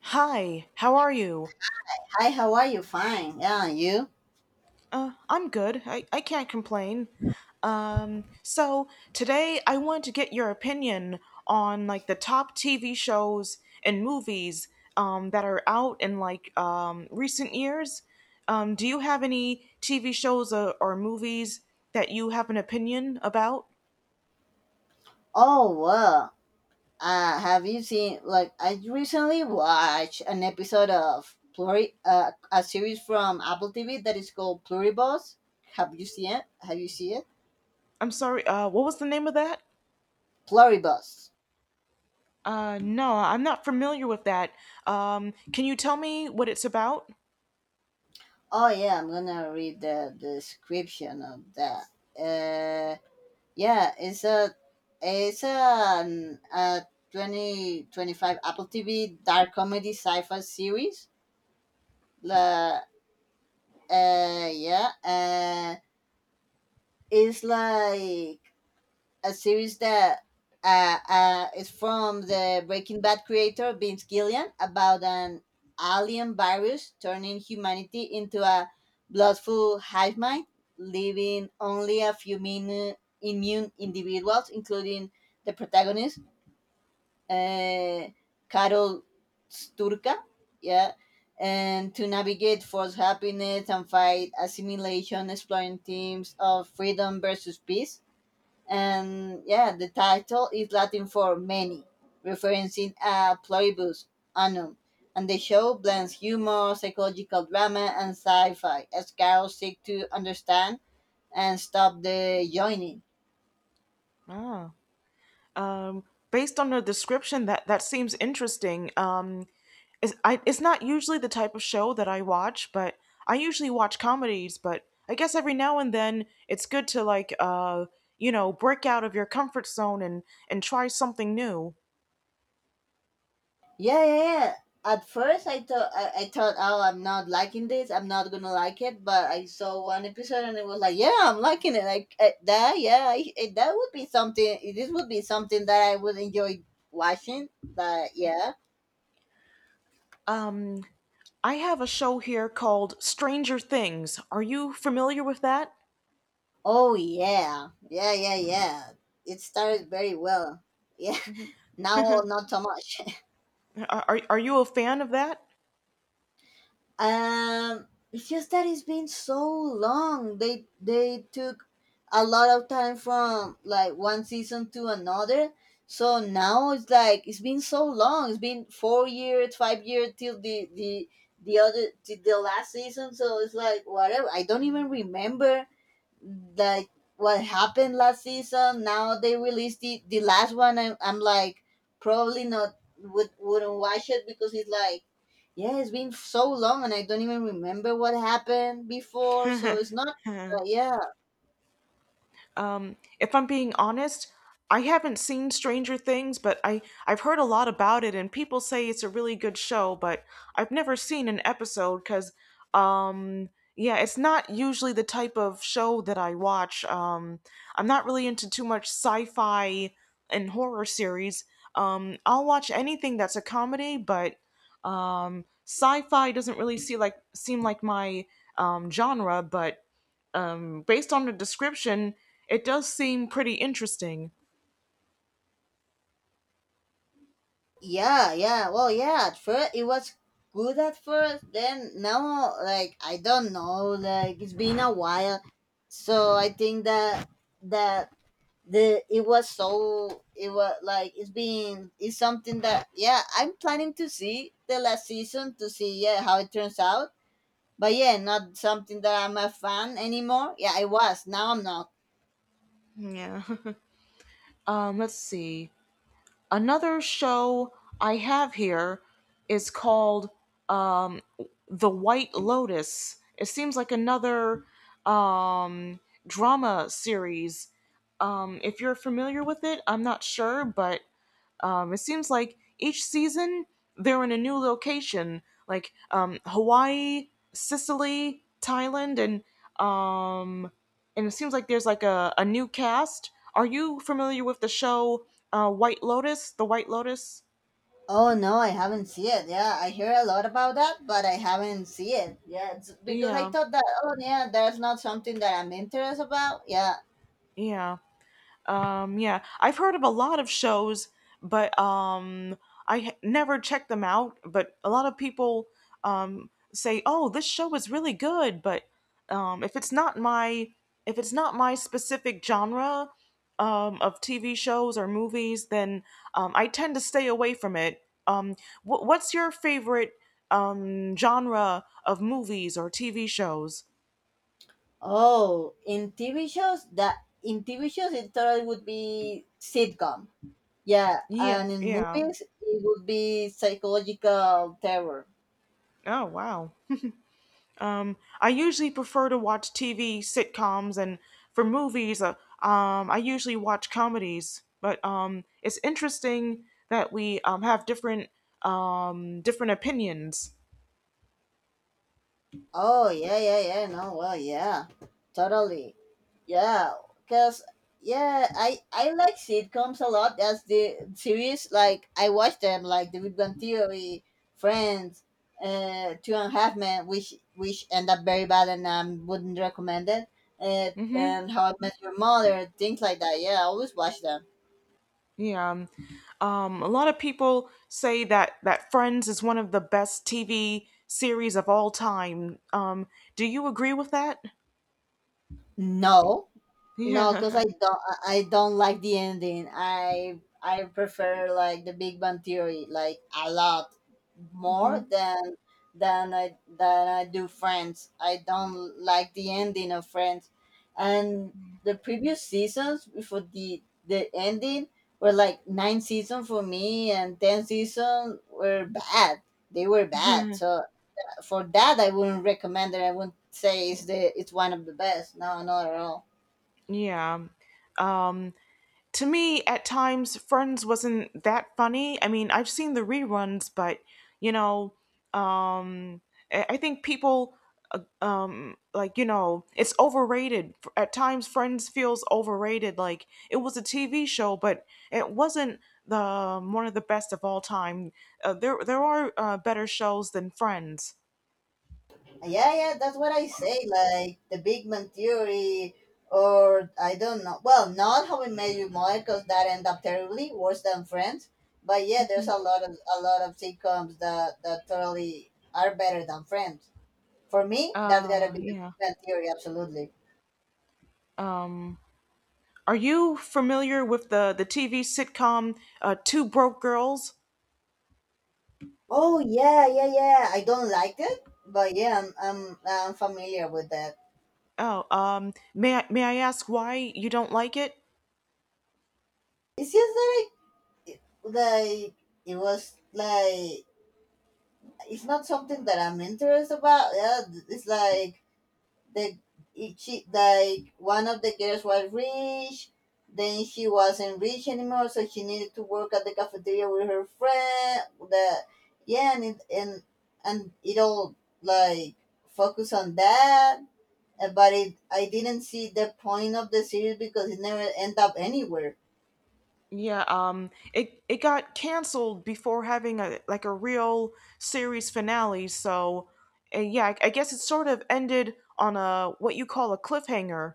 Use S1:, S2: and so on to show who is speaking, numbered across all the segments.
S1: Hi, how are you?
S2: Hi, how are you? Fine. Yeah, and you?
S1: I'm good. I can't complain. So today I want to get your opinion on like the top TV shows and movies that are out in like recent years. Do you have any TV shows or movies that you have an opinion about?
S2: Oh, well. Have you seen, like, I recently watched an episode of a series from Apple TV that is called Pluribus. Have you seen it? Have you seen it?
S1: I'm sorry, what was the name of that?
S2: Pluribus.
S1: No, I'm not familiar with that. Can you tell me what it's about?
S2: Oh, yeah, I'm gonna read the description of that. Uh, yeah, it's a 2025 Apple TV dark comedy sci-fi series. La yeah It's like a series that is from the Breaking Bad creator Vince Gillian about an alien virus turning humanity into a bloodful hive mind, leaving only a few immune individuals including the protagonist, uh, Carol Sturka, yeah, and to navigate forced happiness and fight assimilation, exploring themes of freedom versus peace. And yeah, the title is Latin for many, referencing a pluribus annum. And the show blends humor, psychological drama, and sci fi as Carol seeks to understand and stop the joining.
S1: Ah. Um, Based on the description, that seems interesting. It's not usually the type of show that I watch, but I usually watch comedies. But I guess every now and then it's good to like break out of your comfort zone and try something new.
S2: Yeah, yeah, yeah. At first, I thought, oh, I'm not liking this. I'm not gonna like it. But I saw one episode and it was like, yeah, I'm liking it. Like that, yeah, I- that would be something. This would be something that I would enjoy watching. That, yeah.
S1: Um, I have a show here called Stranger Things. Are you familiar with that?
S2: Oh yeah, yeah, yeah, yeah. It started very well. Yeah. Now not so much.
S1: Are you a fan of that?
S2: It's just that it's been so long. They took a lot of time from like one season to another. So now it's like it's been so long. It's been 4 years, 5 years till the other, till the last season. So it's like whatever. I don't even remember like what happened last season. Now they released the last one. I'm like probably not wouldn't watch it because it's like yeah, it's been so long and I don't even remember what happened before. So it's not yeah.
S1: If I'm being honest, I haven't seen Stranger Things, but I've heard a lot about it, and people say it's a really good show, but I've never seen an episode because, um, yeah, it's not usually the type of show that I watch. I'm not really into too much sci-fi and horror series. I'll watch anything that's a comedy, but sci-fi doesn't really seem like my genre. But based on the description, it does seem pretty interesting.
S2: Yeah, yeah, well, yeah, at first it was good, at first, then now like I don't know, like it's been a while. So I think that that the it was, so it was like, it's been, it's something that yeah, I'm planning to see the last season to see yeah how it turns out. But yeah, not something that I'm a fan anymore. Yeah, I was, now I'm not.
S1: Yeah. Let's see. Another show I have here is called um, The White Lotus. It seems like another um, drama series. If you're familiar with it, I'm not sure, but it seems like each season they're in a new location, like Hawaii, Sicily, Thailand, um, and it seems like there's like a new cast. Are you familiar with the show White Lotus? The White Lotus?
S2: Oh no, I haven't seen it. Yeah, I hear a lot about that, but I haven't seen it. Yeah, it's because I
S1: Yeah,
S2: thought that, oh yeah, that's not something that I'm interested about. Yeah.
S1: yeah. Yeah, I've heard of a lot of shows, but never checked them out. But a lot of people say, "Oh, this show is really good," but if it's not my if it's not my specific genre of TV shows or movies, then I tend to stay away from it. Um, what's your favorite genre of movies or TV shows?
S2: Oh, in TV shows it totally would be sitcom. Yeah,
S1: Yeah,
S2: and in
S1: yeah.
S2: movies it would be psychological terror.
S1: Oh, wow. I usually prefer to watch TV sitcoms, and for movies, I usually watch comedies. But it's interesting that we have different different opinions.
S2: Oh yeah, yeah, yeah. No, well, yeah, totally. Yeah, cause yeah, I like sitcoms a lot. As the series. Like I watch them, like The Big Bang Theory, Friends, Two and a Half Men, which end up very bad and I wouldn't recommend it. Uh,
S1: Hmm.
S2: and How I Met Your Mother, things like that. Yeah, I always watch them.
S1: Yeah. A lot of people say that Friends is one of the best TV series of all time. Do you agree with that?
S2: No. No, because
S1: Yeah.
S2: I don't like the ending. I prefer like the Big Bang Theory like a lot more
S1: Hmm.
S2: than than I do Friends. I don't like the ending of Friends. And the previous seasons before the ending were like 9 seasons for me and 10 seasons were bad. They were bad. So for that I wouldn't recommend it. I wouldn't say it's the it's one of the best. No, not at all.
S1: Yeah. Um, to me at times friends wasn't that funny. I mean, I've seen the reruns, but you know, um I think people like you know it's overrated. At times friends feels overrated. Like it was a tv show, but it wasn't the one of the best of all time. There are better shows than friends.
S2: Yeah, yeah, that's what I say. Like the Big Man Theory, or I don't know. Well, not How We Met Your Mother, because that end up terribly worse than Friends. But yeah, there's a lot of sitcoms that totally are better than Friends. For me, that's gotta be the
S1: Yeah,
S2: Big Bang Theory, absolutely.
S1: are you familiar with the tv sitcom two broke girls?
S2: Oh yeah, yeah, yeah. I don't like it, but yeah, I'm familiar with that.
S1: Oh, may I ask why you don't like it?
S2: It's just like, like it was like, it's not something that I'm interested about. Yeah, it's like the it, she, like one of the girls was rich, then she wasn't rich anymore, so she needed to work at the cafeteria with her friend. The Yeah, and it all like focus on that. But it, I didn't see the point of the series because it never end up anywhere.
S1: Yeah, it it got canceled before having a like a real series finale, so yeah, I guess it sort of ended on a what you call a cliffhanger.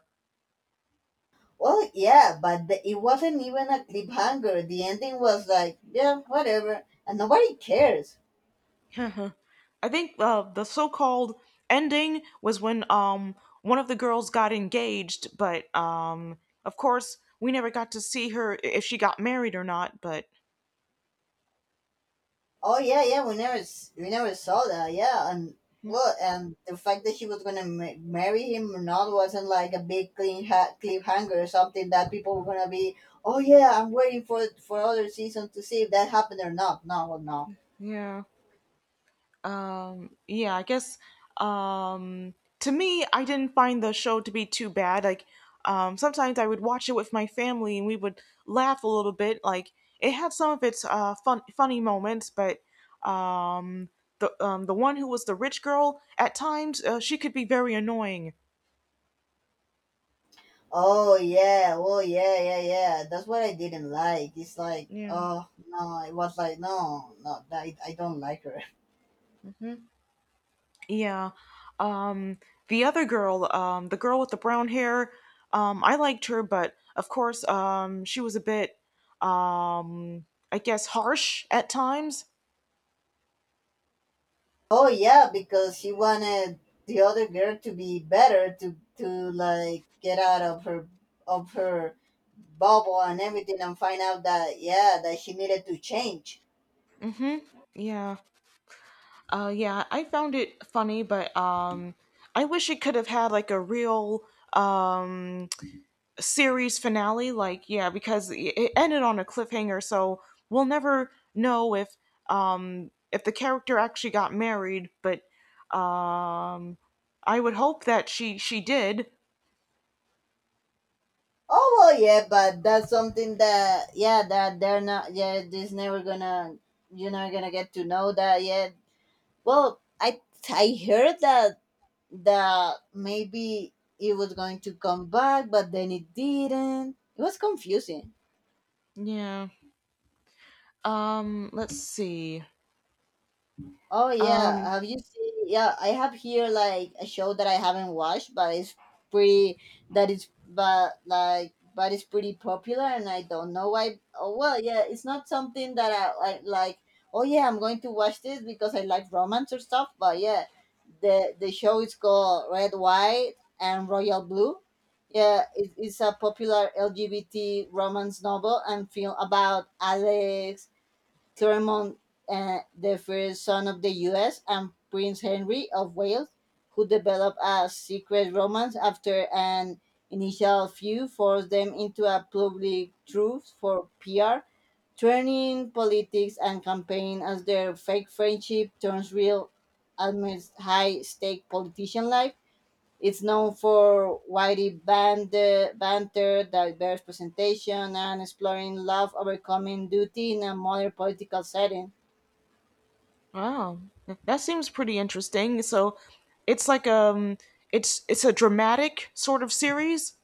S2: Well, yeah, but it wasn't even a cliffhanger. The ending was like, yeah, whatever, and nobody cares.
S1: I think the so-called ending was when one of the girls got engaged, but of course we never got to see her if she got married or not, but
S2: Oh yeah, yeah, we never saw that. Yeah, and well, and the fact that she was gonna marry him or not wasn't like a big cliffhanger or something that people were gonna be. Oh yeah, I'm waiting for other season to see if that happened or not. No, well, no.
S1: yeah. Yeah I guess um to me I didn't find the show to be too bad. Like sometimes I would watch it with my family and we would laugh a little bit. Like it had some of its funny moments, but um the one who was the rich girl at times she could be very annoying.
S2: Oh yeah, oh yeah, yeah, yeah. That's what I didn't like. It's like,
S1: Yeah.
S2: oh no, it was like no, no, I don't like her.
S1: Yeah. Um, the other girl, the girl with the brown hair, I liked her, but of course, she was a bit, um, I guess, harsh at times.
S2: Oh yeah, because she wanted the other girl to be better, to like get out of her of her bubble and everything and find out that yeah that she needed to change.
S1: Mm-hmm. Yeah. Yeah, I found it funny, but I wish it could have had like a real um series finale, like yeah, because it ended on a cliffhanger, so we'll never know if the character actually got married, but um I would hope that she did.
S2: Oh well, yeah, but that's something that yeah that they're not, yeah, this never gonna, you're not gonna get to know that yet. Well, I heard that maybe it was going to come back, but then it didn't. It was confusing.
S1: Yeah. Let's see.
S2: Oh yeah,
S1: um
S2: have you seen? Yeah, I have here like a show that I haven't watched, but it's pretty. That is, but like, but it's pretty popular, and I don't know why. Oh well, yeah, it's not something that I like. Oh yeah, I'm going to watch this because I like romance or stuff. But yeah, the show is called Red, White, and Royal Blue. Yeah, it's a popular LGBT romance novel and film about Alex Thurmond, the first son of the US, and Prince Henry of Wales, who developed a secret romance after an initial feud forced them into a public truce for PR, turning politics and campaign as their fake friendship turns real amidst high stake politician life. It's known for witty banter, diverse presentation, and exploring love overcoming duty in a modern political setting.
S1: wow, that seems pretty interesting. So it's like it's a dramatic sort of series.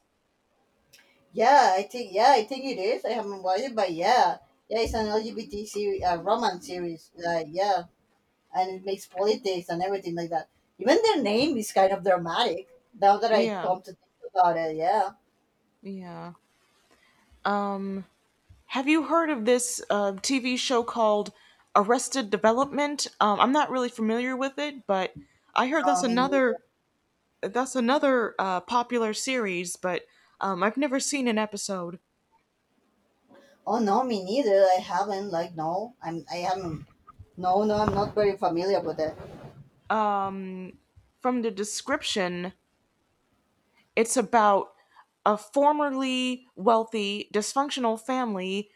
S2: Yeah, I think it is. I haven't watched it, but yeah, yeah, it's an LGBT series, romance series. Like yeah, and it makes politics and everything like that. Even their name is kind of dramatic. Now that I
S1: Yeah,
S2: come to think about it, yeah.
S1: yeah. um Have you heard of this TV show called Arrested Development? I'm not really familiar with it, but I heard
S2: No, me neither.
S1: that's another popular series, but I've never seen an episode.
S2: Oh no, me neither. I haven't. Like no, I'm. I haven't. No, no, I'm not very familiar with it.
S1: From the description, it's about a formerly wealthy dysfunctional family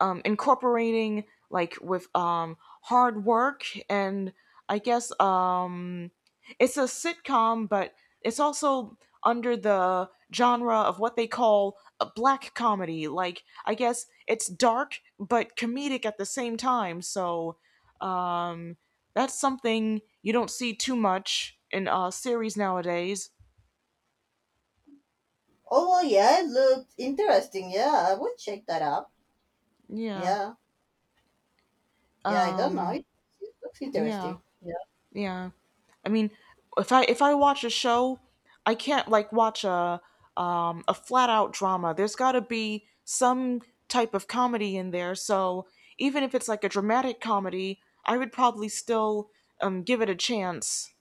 S1: incorporating like with hard work and I guess it's a sitcom, but it's also under the genre of what they call a black comedy. Like, I guess it's dark but comedic at the same time, so that's something you don't see too much in series nowadays.
S2: Oh, well, yeah, it looked interesting. Yeah, I would check that out.
S1: Yeah.
S2: Yeah, yeah, I don't know.
S1: Um,
S2: It looks
S1: yeah.
S2: interesting. Yeah.
S1: Yeah. I mean, if I watch a show, I can't like watch a flat out drama. There's got to be some type of comedy in there. So, even if it's like a dramatic comedy, I would probably still give it a chance.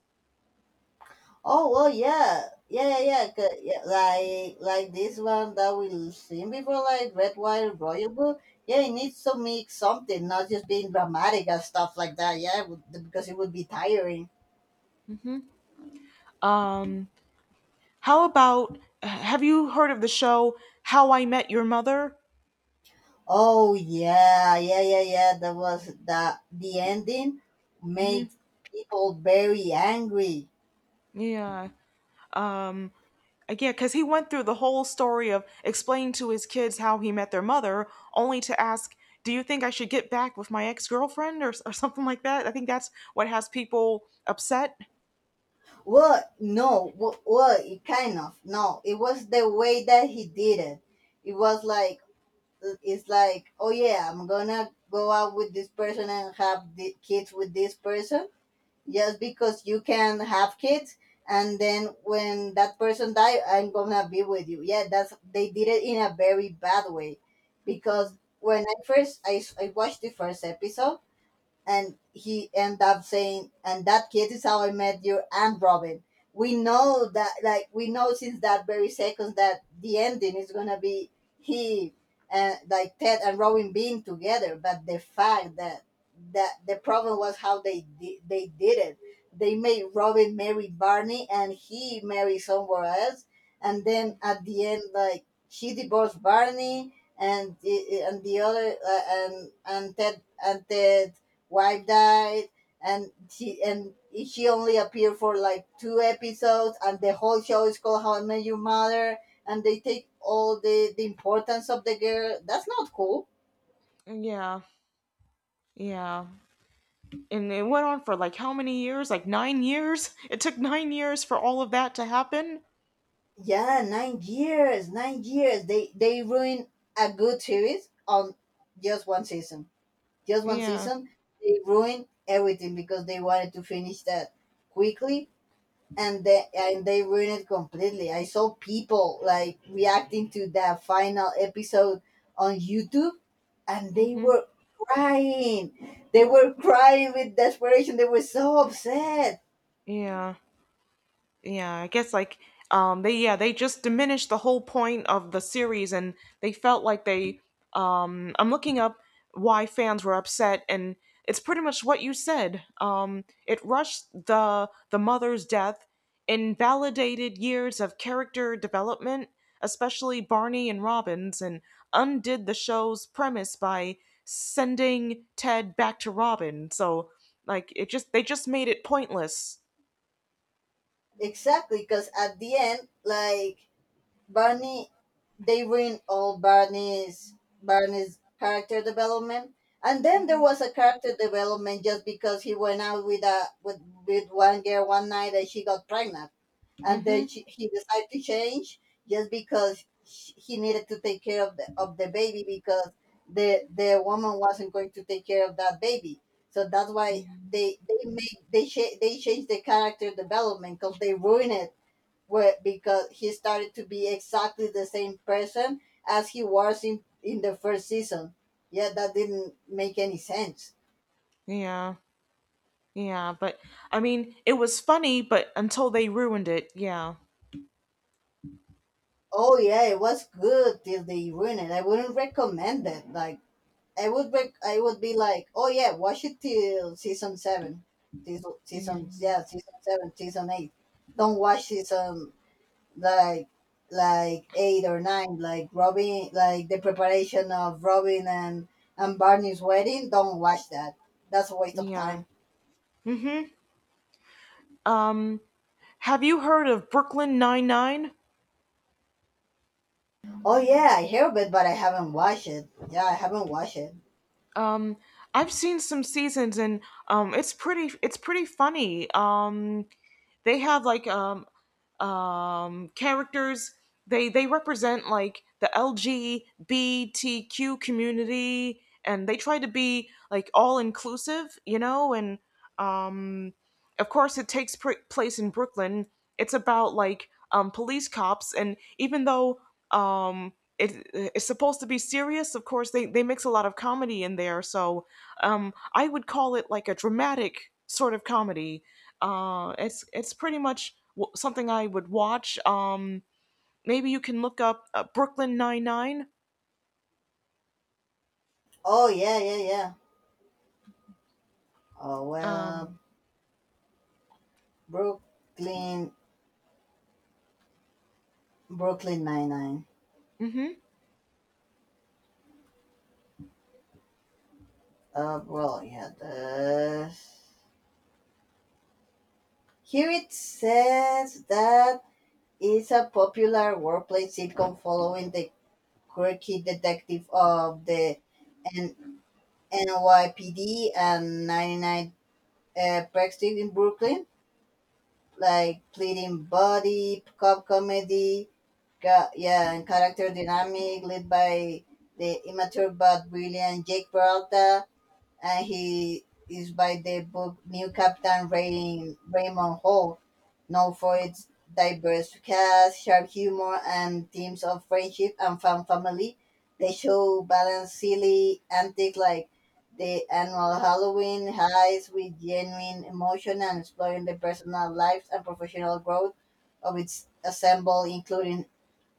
S2: Oh, well, yeah, yeah, yeah, yeah, yeah. Like this one that we seen before, like Red Wire Royal Blue. Yeah, it needs to make something, not just being dramatic and stuff like that. Because it would be tiring.
S1: Um how about, have you heard of the show How I Met Your Mother?
S2: Oh yeah, yeah, yeah, yeah. That was the ending made people very angry.
S1: Yeah. Um Again, because he went through the whole story of explaining to his kids how he met their mother, only to ask, do you think I should get back with my ex girlfriend, or something like that? I think that's what has people upset.
S2: Well, it kind of no. It was the way that he did it. It was like It's like, oh yeah, I'm gonna go out with this person and have the kids with this person just because you can have kids. And then when that person die, I'm gonna be with you. Yeah, that's, they did it in a very bad way,
S1: Hmm.
S2: because when I watched the first episode and he ended up saying, "And that kid is how I met you and Robin." We know that, like, we know since that very second that the ending is gonna be he and like Ted and Robin being together. But the fact that the problem was how they did it. They made Robin marry Barney, and he marry somewhere else. And then at the end, like she divorced Barney, and the other and and Ted wife died and she only appeared for like two episodes, and the whole show is called How I Met Your Mother, and they take all the importance of the girl. That's not cool.
S1: Yeah, yeah. And it went on for like how many years? Like nine years? It took nine years for all of that to happen?
S2: Yeah, 9 years, 9 years, they ruin a good series on just one season, just one
S1: Yeah.
S2: season. They ruin everything because they wanted to finish that quickly, and they ruined it completely. I saw people like reacting to the final episode on YouTube, and they
S1: Hmm.
S2: were crying. They were crying with desperation. They were so upset.
S1: Yeah. Yeah, I guess like they yeah, they just diminished the whole point of the series and they felt like they I'm looking up why fans were upset and it's pretty much what you said. It rushed the mother's death, invalidated years of character development, especially Barney and Robin's, and undid the show's premise by sending Ted back to Robin. So like it just, they just made it pointless.
S2: Exactly, because at the end, like Barney, they ruined all Barney's character development. And then there
S1: Mhm.
S2: was a character development just because he went out with one girl one night and she got pregnant and then
S1: Mhm.
S2: he decided to change just because sh he needed to take care of the baby because the woman wasn't going to take care of that baby. So that's why they changed the character development because they ruined it because he started to be exactly the same person as he was in the first season. Yeah, that didn't make any sense.
S1: Yeah. Yeah. But I mean, it was funny, but until they ruined it, yeah.
S2: Oh yeah, it was good till they ruined it. I wouldn't recommend it. I would be, I would be like, oh yeah, watch it till season seven,
S1: Yeah.
S2: season seven, season eight. Don't watch season like like eight or nine, like Robin, like the preparation of Robin and Barney's wedding. Don't watch that. That's a waste of
S1: Yeah.
S2: time.
S1: Um, have you heard of Brooklyn Nine Nine?
S2: Oh yeah, I hear of it, but I haven't watched it. Yeah, I haven't watched it.
S1: Um, I've seen some seasons, and it's pretty. It's pretty funny. They have characters. They represent like the LGBTQ community, and they try to be like all inclusive, you know. And um, of course, it takes place in Brooklyn. It's about like police cops, and even though um, it's supposed to be serious, of course, they mix a lot of comedy in there. So I would call it like a dramatic sort of comedy. It's pretty much something I would watch. Maybe you can look up Brooklyn Nine Nine.
S2: Oh yeah, yeah, yeah. Oh well,
S1: Um,
S2: Brooklyn, Brooklyn Nine Nine.
S1: mm-hmm.
S2: Well, yeah, this. Here it says that it's a popular workplace sitcom following the quirky detective of the N- NYPD and 99 Park Street in Brooklyn, like pleading body, cop comedy, yeah, and character dynamic led by the immature but brilliant Jake Peralta. And he is by the book New Captain Ray, Raymond Hall, known for its diverse cast, sharp humor, and themes of friendship and family. The show balances silly antics like the annual Halloween heist with genuine emotion and exploring the personal lives and professional growth of its ensemble, including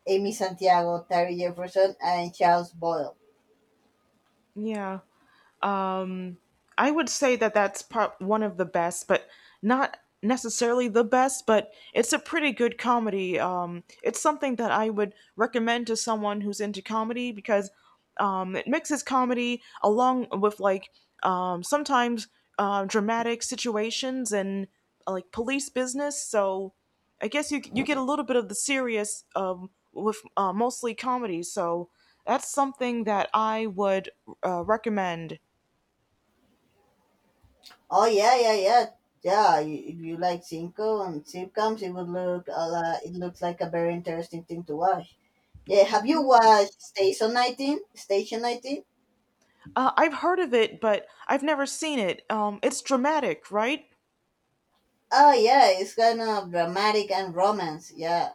S2: Amy Santiago, Terry Jefferson, and Charles Boyle.
S1: Yeah. Um, I would say that that's part one of the best, but not necessarily the best, but it's a pretty good comedy. It's something that I would recommend to someone who's into comedy because it mixes comedy along with like sometimes dramatic situations and like police business. So I guess you you get a little bit of the serious with mostly comedy. So that's something that I would recommend.
S2: Oh yeah, yeah, yeah, yeah. You, if you like Cinco and sitcoms, it looks like a very interesting thing to watch. Yeah, have you
S1: Hmm?
S2: watched Station 19? Station 19?
S1: I've heard of it, but I've never seen it. It's dramatic, right?
S2: Oh yeah, it's kind of dramatic and romance. Yeah,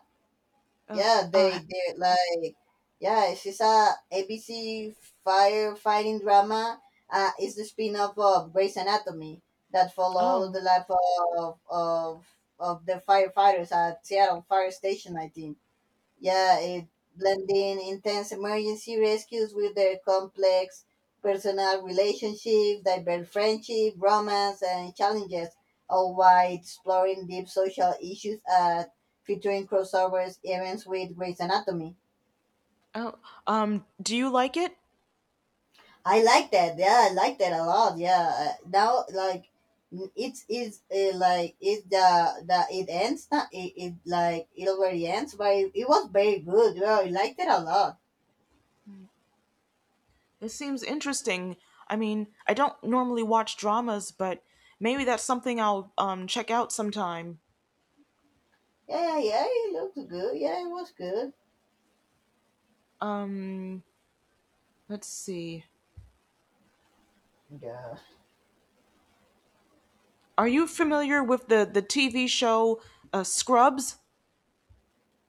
S1: Uh,
S2: yeah.
S1: uh,
S2: They like yeah. It's She's a ABC firefighting drama. It's the spin-off of Grey's Anatomy that follows
S1: oh,
S2: the life of the firefighters at Seattle Fire Station 19, yeah, it, blending intense emergency rescues with their complex personal relationships, diverse friendship, romance, and challenges, all while exploring deep social issues and featuring crossovers events with Grey's Anatomy.
S1: oh. Do you like it?
S2: I like that. Yeah, I like that a lot. Yeah. It's like it the it ends not it, it like it already ends, but it was very good. Yeah, I liked it a lot.
S1: It seems interesting. I mean, I don't normally watch dramas, but maybe that's something I'll check out sometime.
S2: Yeah, yeah, yeah. It looked good. Yeah, it was good.
S1: Um, let's see.
S2: Yeah.
S1: Are you familiar with the TV show Scrubs?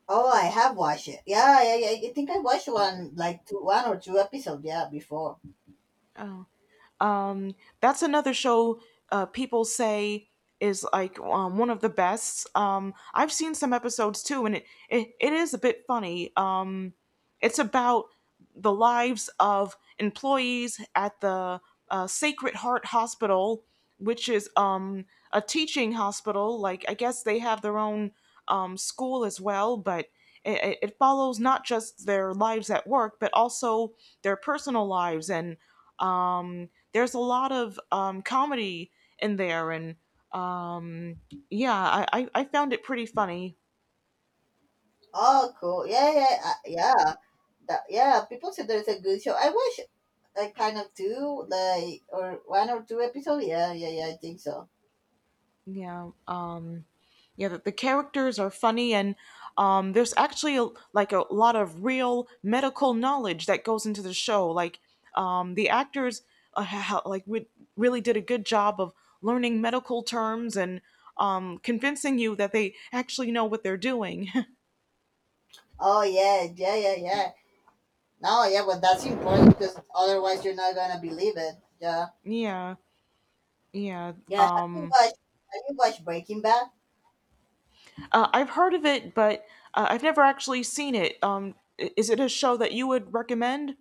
S2: Oh, I have watched it. Yeah, yeah, yeah. I think I watched one one or two episodes. Yeah, before.
S1: Um, that's another show people say is like one of the best. I've seen some episodes too, and it is a bit funny. It's about the lives of employees at the Sacred Heart Hospital, which is a teaching hospital. Like, I guess they have their own school as well, but it follows not just their lives at work, but also their personal lives, and um, there's a lot of comedy in there, and um, yeah, I found it pretty funny.
S2: Oh, cool. Yeah. People said there's a good show. I watched like kind of two, like or one or two episodes. Yeah, yeah, yeah. I think so.
S1: Yeah, yeah, the characters are funny, and there's actually a, like a lot of real medical knowledge that goes into the show. Like the actors, ha- ha- like we really did a good job of learning medical terms and convincing you that they actually know what they're doing.
S2: Oh, yeah, yeah, yeah, yeah. No, yeah, but that's important because otherwise you're not gonna believe it. Yeah,
S1: Yeah, yeah.
S2: yeah. Have you watched Breaking Bad?
S1: I've heard of it, but I've never actually seen it. Is it a show that you would recommend?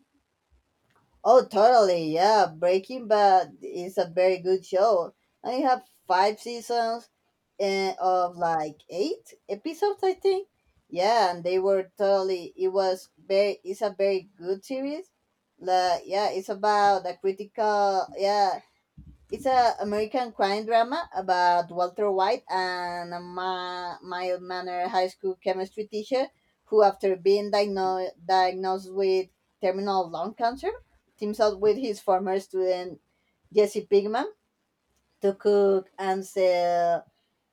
S2: Oh, totally. Yeah, Breaking Bad is a very good show. I have five seasons and of like eight episodes, I think. Yeah, and they were totally. It was very. It's a very good series. Like, yeah, it's about a critical. Yeah, it's a American crime drama about Walter White and a mild mannered high school chemistry teacher who, after being diagnosed with terminal lung cancer, teams up with his former student Jesse Pigman to cook and sell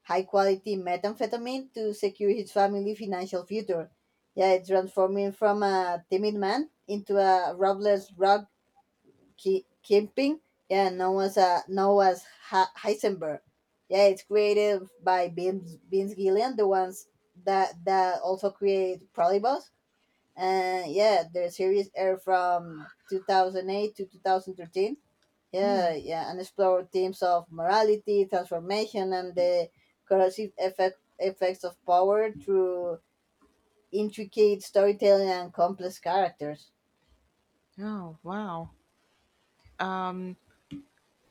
S2: high quality methamphetamine to secure his family's financial future. Yeah, it's transforming from a timid man into a ruthless rock Kipling, yeah, Noah's Heisenberg. Yeah, it's created by Vince Gillian, the ones that also create Prolibus. And yeah, the series aired from 2008 to 2013.
S1: Hmm.
S2: Yeah, yeah, and explore themes of morality, transformation, and the corrosive effects of power through intricate storytelling and complex characters.
S1: Oh, wow. Um,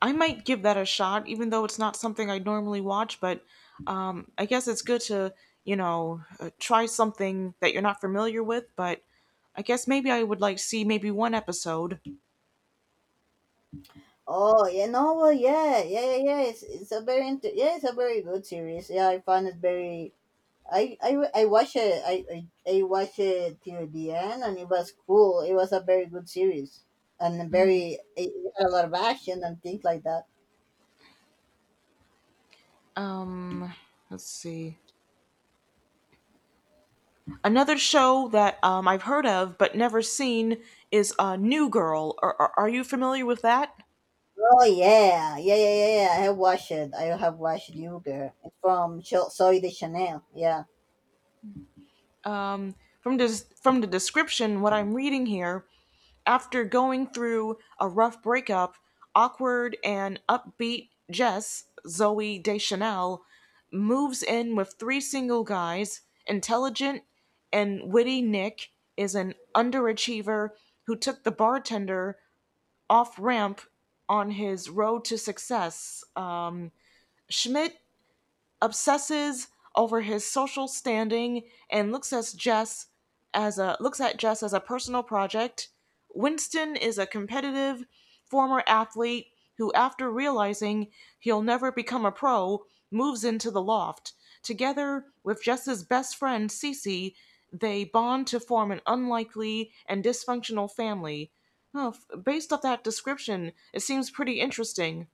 S1: I might give that a shot, even though it's not something I normally watch. But I guess it's good to, try something that you're not familiar with. But I guess maybe I would like see maybe one episode.
S2: Oh, yeah, yeah, yeah, yeah. It's a very yeah, it's a very good series. Yeah, I found it very. I watched it. I watched it till the end, and it was cool. It was a very good series, and very it had a lot of action and things like that.
S1: Um, let's see. Another show that I've heard of but never seen is New Girl. Are you familiar with that?
S2: Oh yeah, yeah, yeah, yeah. Yeah. I have watched it. I have watched Yuger. It's from Soy de Chanel. Yeah.
S1: Um, from the description, what I'm reading here, after going through a rough breakup, awkward and upbeat Jess Zoe Deschanel moves in with three single guys. Intelligent and witty Nick is an underachiever who took the bartender off ramp on his road to success. Schmidt obsesses over his social standing and looks at Jess as a personal project. Winston is a competitive former athlete who, after realizing he'll never become a pro, moves into the loft. Together with Jess's best friend Cece, they bond to form an unlikely and dysfunctional family. Oh, based off that description, it seems pretty interesting.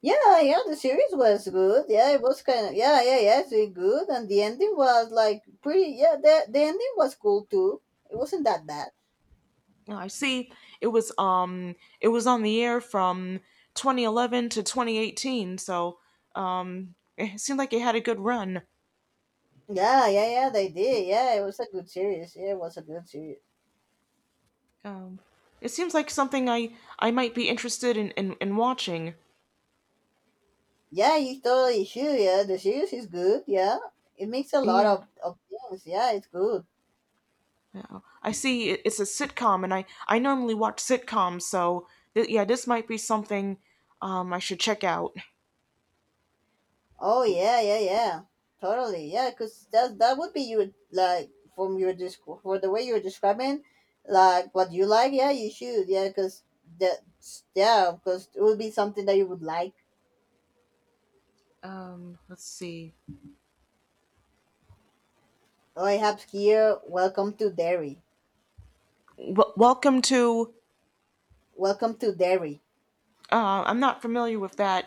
S2: Yeah, yeah, the series was good. Yeah, it was kind of yeah, yeah, yeah, it's really good, and the ending was like pretty. yeah, the ending was cool too. It wasn't that bad.
S1: Oh, I see. It was on the air from 2011 to 2018, so it seemed like it had a good run.
S2: Yeah, yeah, yeah, they did. Yeah, it was a good series. Yeah, it was a good series.
S1: Um, it seems like something I might be interested in in watching.
S2: Yeah, you totally should. Yeah, the series is good. Yeah, it makes a lot
S1: Yeah.
S2: of things. Yeah, it's good.
S1: Yeah. I see, it, it's a sitcom and I normally watch sitcoms, so yeah, this might be something I should check out.
S2: Oh yeah, yeah, yeah, totally, yeah. Cause that would be you like from your disc for the way you're describing, like what you like. Yeah, you should. Yeah, cause that yeah, because it would be something that you would like.
S1: Um, let's see.
S2: Oh, I have here. Welcome to Derry.
S1: Welcome to,
S2: Welcome to Derry.
S1: I'm not familiar with that.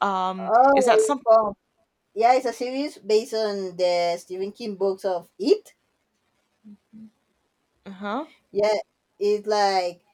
S1: Um, is
S2: Oh,
S1: that
S2: it's
S1: some,
S2: from yeah, it's a series based on the Stephen King books of It.
S1: huh?
S2: Yeah, it's like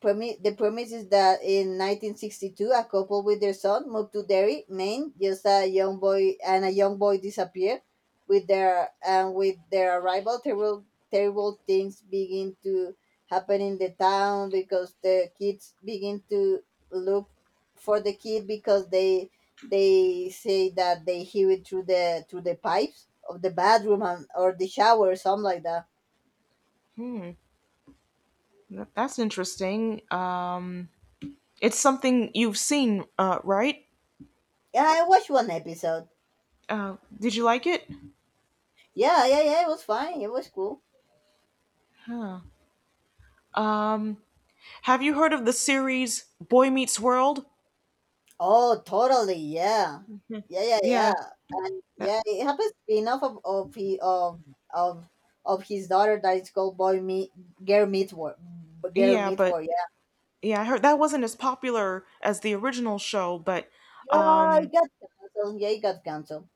S2: the premise is that in 1962, a couple with their son moved to Derry, Maine. Just a young boy and a young boy disappeared. With their arrival, terrible things begin to happen in the town because the kids begin to look for the kid because they say that they hear it through the pipes of the bathroom, and, or the shower or something like that.
S1: That's interesting. It's something you've seen, right?
S2: Yeah, I watched one episode.
S1: Did you like it?
S2: Yeah, yeah, yeah. It was fine. It was cool.
S1: Um, have you heard of the series Boy Meets World?
S2: Oh, totally. Yeah. Yeah, yeah, yeah.
S1: Yeah, that,
S2: Yeah, it happens to be enough of he, of of his daughter that it's called Boy Meet Girl Meet War. Girl
S1: yeah,
S2: Meet
S1: but
S2: War, yeah.
S1: yeah, I heard that wasn't as popular as the original show, but
S2: Yeah,
S1: um,
S2: it got canceled. Yeah, it got canceled.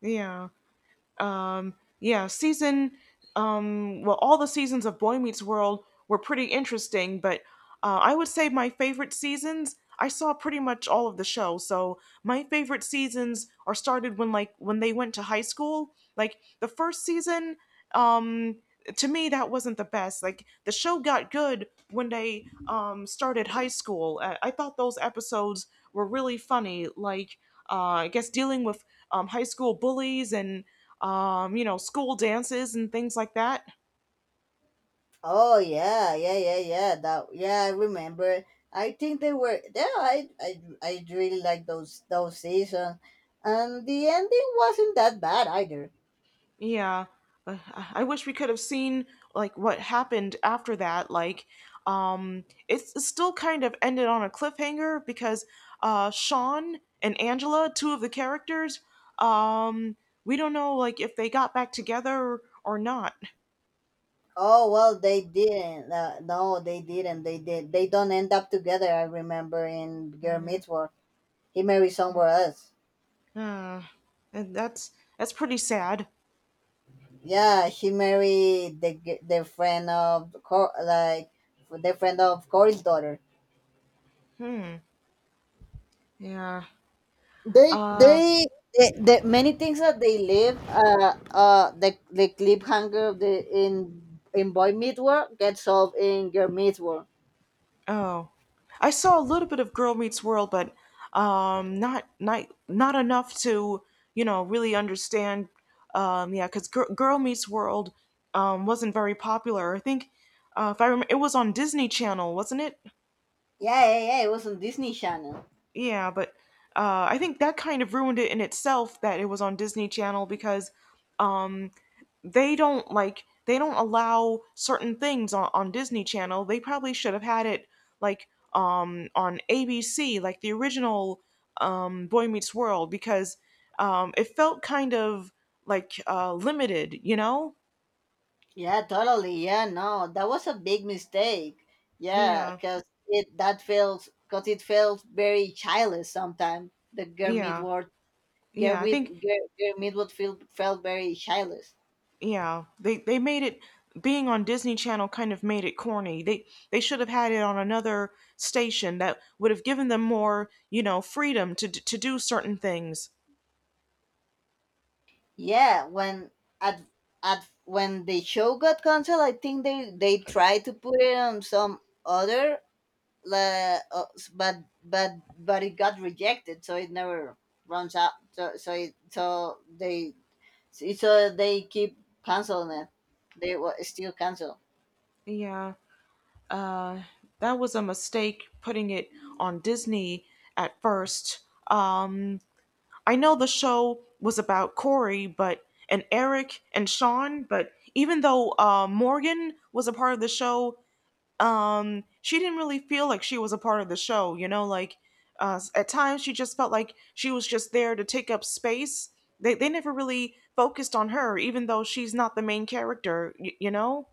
S1: yeah. Um, yeah, season, um, well, all the seasons of Boy Meets World were pretty interesting, but I would say my favorite seasons, I saw pretty much all of the show, so my favorite seasons are started when, like when they went to high school, like the first season. Um, to me that wasn't the best. Like the show got good when they started high school. I thought those episodes were really funny. Like I guess dealing with um high school bullies and you know, school dances and things like that.
S2: Oh yeah, yeah, yeah, yeah. That yeah, I remember. I think they were yeah, I really like those seasons. And the ending wasn't that bad either.
S1: Yeah. Uh, I wish we could have seen like what happened after that. Like, it's, it still kind of ended on a cliffhanger because Sean and Angela, two of the characters, um, we don't know like if they got back together or not.
S2: Oh well, they didn't. No, they didn't. They did. They don't end up together. I remember in Girl
S1: Mm.
S2: Meets World, he married somewhere else.
S1: Uh, and that's pretty sad.
S2: Yeah, he married the the friend of Cor, like the friend of Corey's daughter.
S1: Hmm. Yeah.
S2: They
S1: Uh.
S2: they. The many things that they live, the cliffhanger of the in Boy Meets World gets solved in Girl Meets World.
S1: Oh, I saw a little bit of Girl Meets World, but not enough to you know really understand. Yeah, because Girl Meets World um wasn't very popular. I think if I remember, it was on Disney Channel, wasn't it?
S2: Yeah, yeah, yeah. It was on Disney Channel.
S1: Yeah, but I think that kind of ruined it in itself that it was on Disney Channel because um, they don't allow certain things on Disney Channel. They probably should have had it like on ABC, like the original Boy Meets World, because it felt kind of like limited, you know?
S2: Yeah, totally. Yeah, no, that was a big mistake. Yeah,
S1: Yeah.
S2: because because it felt very childish sometimes. The girl
S1: Yeah.
S2: Midward, girl
S1: Yeah, I
S2: with
S1: think
S2: girl, girl Midward felt very childish.
S1: yeah, they made it being on Disney Channel kind of made it corny. They should have had it on another station that would have given them more, you know, freedom to to do certain things.
S2: Yeah, when at at when the show got canceled, I think they tried to put it on some other but but but it got rejected, so it never runs out. So they Sí, so they keep canceling it. They wa still cancel.
S1: Yeah. Uh, that was a mistake putting it on Disney at first. Um, I know the show was about Corey, but and Eric and Sean, but even though Morgan was a part of the show, she didn't really feel like she was a part of the show. You know, like at times she just felt like she was just there to take up space. They never really focused on her, even though she's not the main character. You know.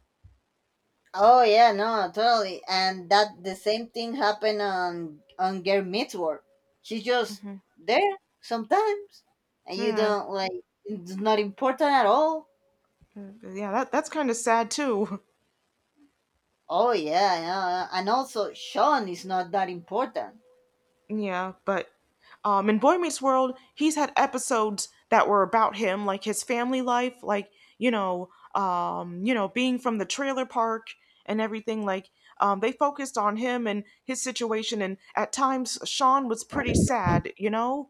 S2: Oh yeah, no, totally. And that the same thing happened on Girl Meets World. She's just
S1: Mm-hmm.
S2: there sometimes, and you
S1: Hmm.
S2: don't like. It's not important at all.
S1: Yeah, that that's kind of sad too.
S2: Oh yeah, yeah. Yeah. And also, Sean is not that important.
S1: Yeah, but in Boy Meets World, he's had episodes that were about him, like his family life, like you know, being from the trailer park and everything. Like they focused on him and his situation, and at times Sean was pretty sad. You know.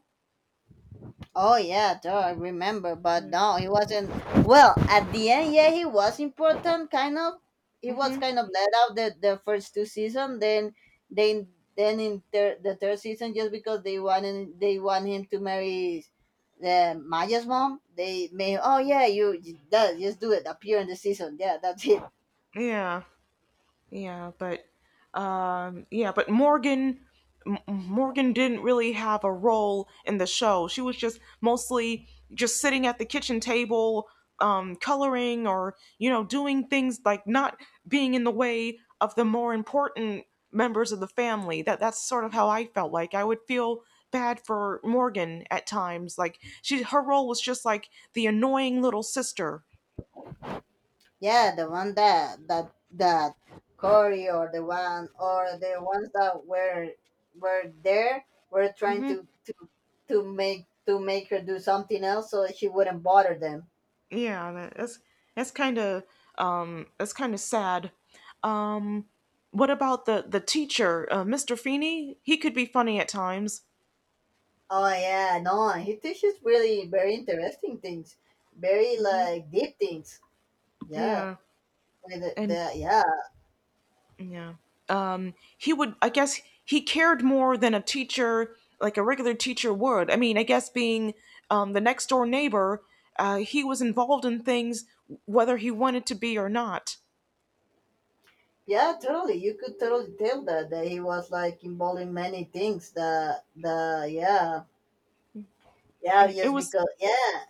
S2: Oh yeah, duh, I remember, but no, he wasn't. Well, at the end, yeah, he was important, kind of. He was
S1: Mm-hmm.
S2: kind of let out the first two season, then then then in the third season, just because they want him to marry the Maya's mom, they made oh yeah, you that just do it appear in the season, yeah, that's it.
S1: Yeah. Yeah, but yeah, but Morgan, Morgan didn't really have a role in the show. She was just mostly just sitting at the kitchen table coloring or you know doing things like not being in the way of the more important members of the family. That that's sort of how I felt. Like I would feel bad for Morgan at times. Like she, her role was just like the annoying little sister.
S2: Yeah, the one that Corey or the one or the ones that were there were trying
S1: Hmm.
S2: to make her do something else so that she wouldn't bother them.
S1: Yeah, that's kind of that's kind of sad. Um, what about the teacher, Mr. Feeney? He could be funny at times.
S2: Oh yeah, no, he teaches really very interesting things, very
S1: Hmm.
S2: like deep things. Yeah,
S1: Yeah.
S2: with
S1: And
S2: the yeah
S1: yeah. Um, he would, I guess he cared more than a teacher like a regular teacher would. I mean, I guess being the next door neighbor, uh, he was involved in things whether he wanted to be or not.
S2: yeah totally. You could totally tell that he was like involved in many things. The yeah yeah
S1: It
S2: just
S1: was,
S2: because yeah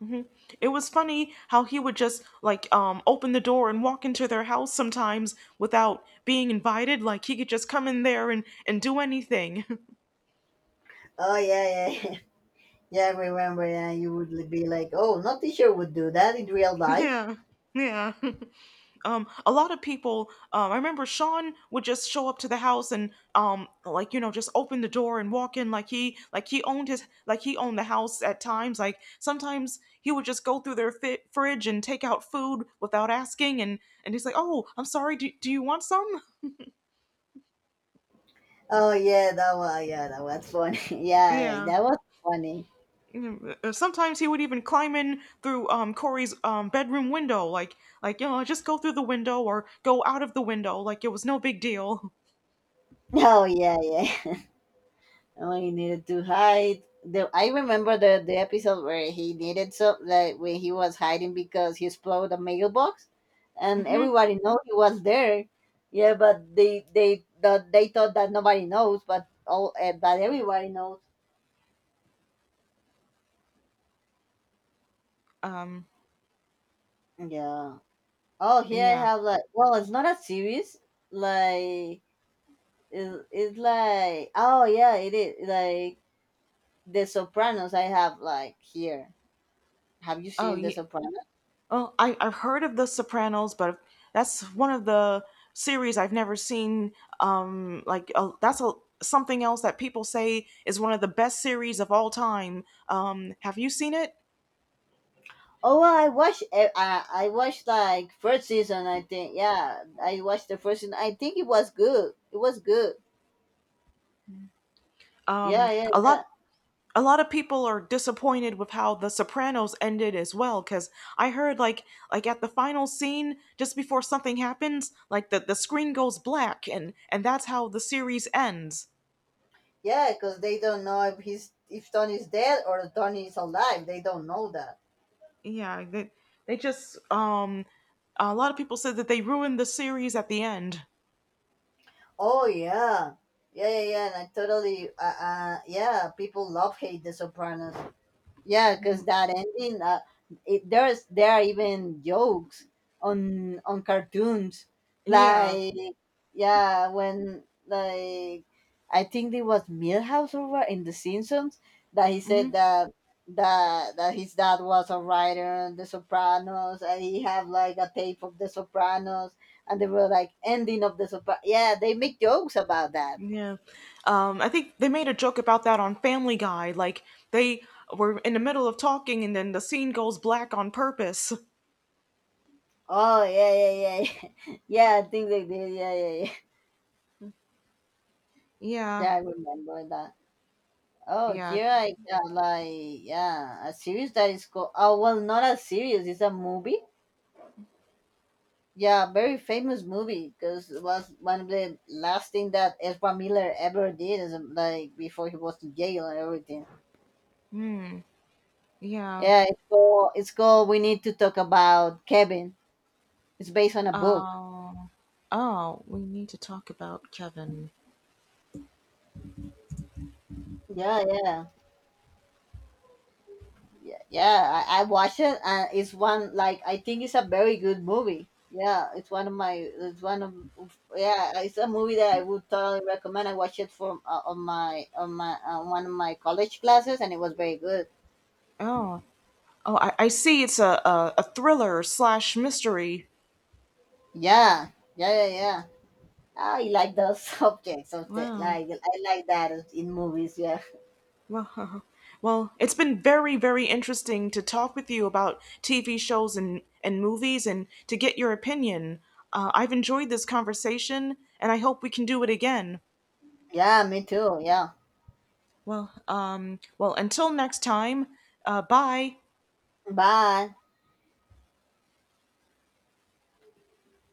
S1: mhm, it was funny how he would just like open the door and walk into their house sometimes without being invited. Like he could just come in there and do anything.
S2: oh yeah yeah. Yeah, I remember. Yeah, you would be like, "Oh, no teacher would do that in real life."
S1: Yeah. Yeah. Um, a lot of people, I remember Sean would just show up to the house and like you know just open the door and walk in like he owned his, like he owned the house at times. Like sometimes he would just go through their fridge and take out food without asking and he's like, "Oh, I'm sorry. Do you want some?"
S2: Oh yeah, that was funny. yeah,
S1: Yeah.
S2: that was funny.
S1: Sometimes he would even climb in through um Corey's um bedroom window, like you know, just go through the window or go out of the window, like it was no big deal.
S2: Oh yeah, yeah. Oh, he needed to hide. The I remember the episode where he needed so like when he was hiding because he exploded a mailbox, and
S1: Hmm.
S2: everybody know he was there. Yeah, but they thought that nobody knows, but all but everybody knows.
S1: Um.
S2: Yeah. Oh, here I
S1: Yeah.
S2: have like well, it's not a series. Like it's like oh yeah, it is like The Sopranos. I have like here. Have you
S1: Oh.
S2: seen The
S1: Yeah.
S2: Sopranos?
S1: Oh, I I've heard of The Sopranos, but that's one of the series I've never seen. Um, like that's a something else that people say is one of the best series of all time. Um, have you seen it?
S2: Oh, well, I watched like first season. I think yeah, I watched the first season. I think it was good. It was good. Yeah,
S1: A
S2: yeah,
S1: lot. A lot of people are disappointed with how The Sopranos ended as well, because I heard like at the final scene just before something happens, like the screen goes black and that's how the series ends.
S2: yeah. Because they don't know if he's if Tony's dead or Tony is alive. They don't know that.
S1: Yeah, they just um, a lot of people said that they ruined the series at the end.
S2: Oh yeah, yeah, yeah, yeah. And I totally, yeah, people love hate The Sopranos. Yeah,
S1: Hmm.
S2: because that ending, there's there are even jokes on cartoons,
S1: Yeah.
S2: like yeah, when like I think it was Milhouse over in The Simpsons that he said
S1: Hmm.
S2: that that that his dad was a writer on The Sopranos, and he have like a tape of The Sopranos, and they were like ending of The Sopranos. Yeah, they make jokes about that.
S1: Yeah. I think they made a joke about that on Family Guy. Like, they were in the middle of talking and then the scene goes black on purpose.
S2: Oh yeah, yeah, yeah, yeah. I think they did. Yeah, yeah, yeah.
S1: Yeah.
S2: Yeah, I remember that. Oh,
S1: Yeah.
S2: here I got like yeah, a series that is called oh well, not a series, it's a movie. Yeah, very famous movie because it was one of the last thing that Ezra Miller ever did, is like before he was in jail and everything.
S1: Hmm. Yeah.
S2: It's called We Need to Talk About Kevin. It's based on a book.
S1: Uh, oh, we need to talk about Kevin.
S2: Yeah, yeah. Yeah, I watched it and it's one like I think it's a very good movie. Yeah, it's one of my it's one of yeah, it's a movie that I would totally recommend. I watched it from on my on my on one of my college classes and it was very good.
S1: Oh, oh, I see. It's a thriller slash mystery.
S2: Yeah, yeah, yeah, yeah. I like those subjects of the
S1: Wow.
S2: like I like that in movies. Yeah,
S1: Well, well, it's been very, very interesting to talk with you about TV shows and movies, and to get your opinion. I've enjoyed this conversation, and I hope we can do it again.
S2: yeah, me too. Yeah,
S1: Well, well, until next time. Bye.
S2: bye.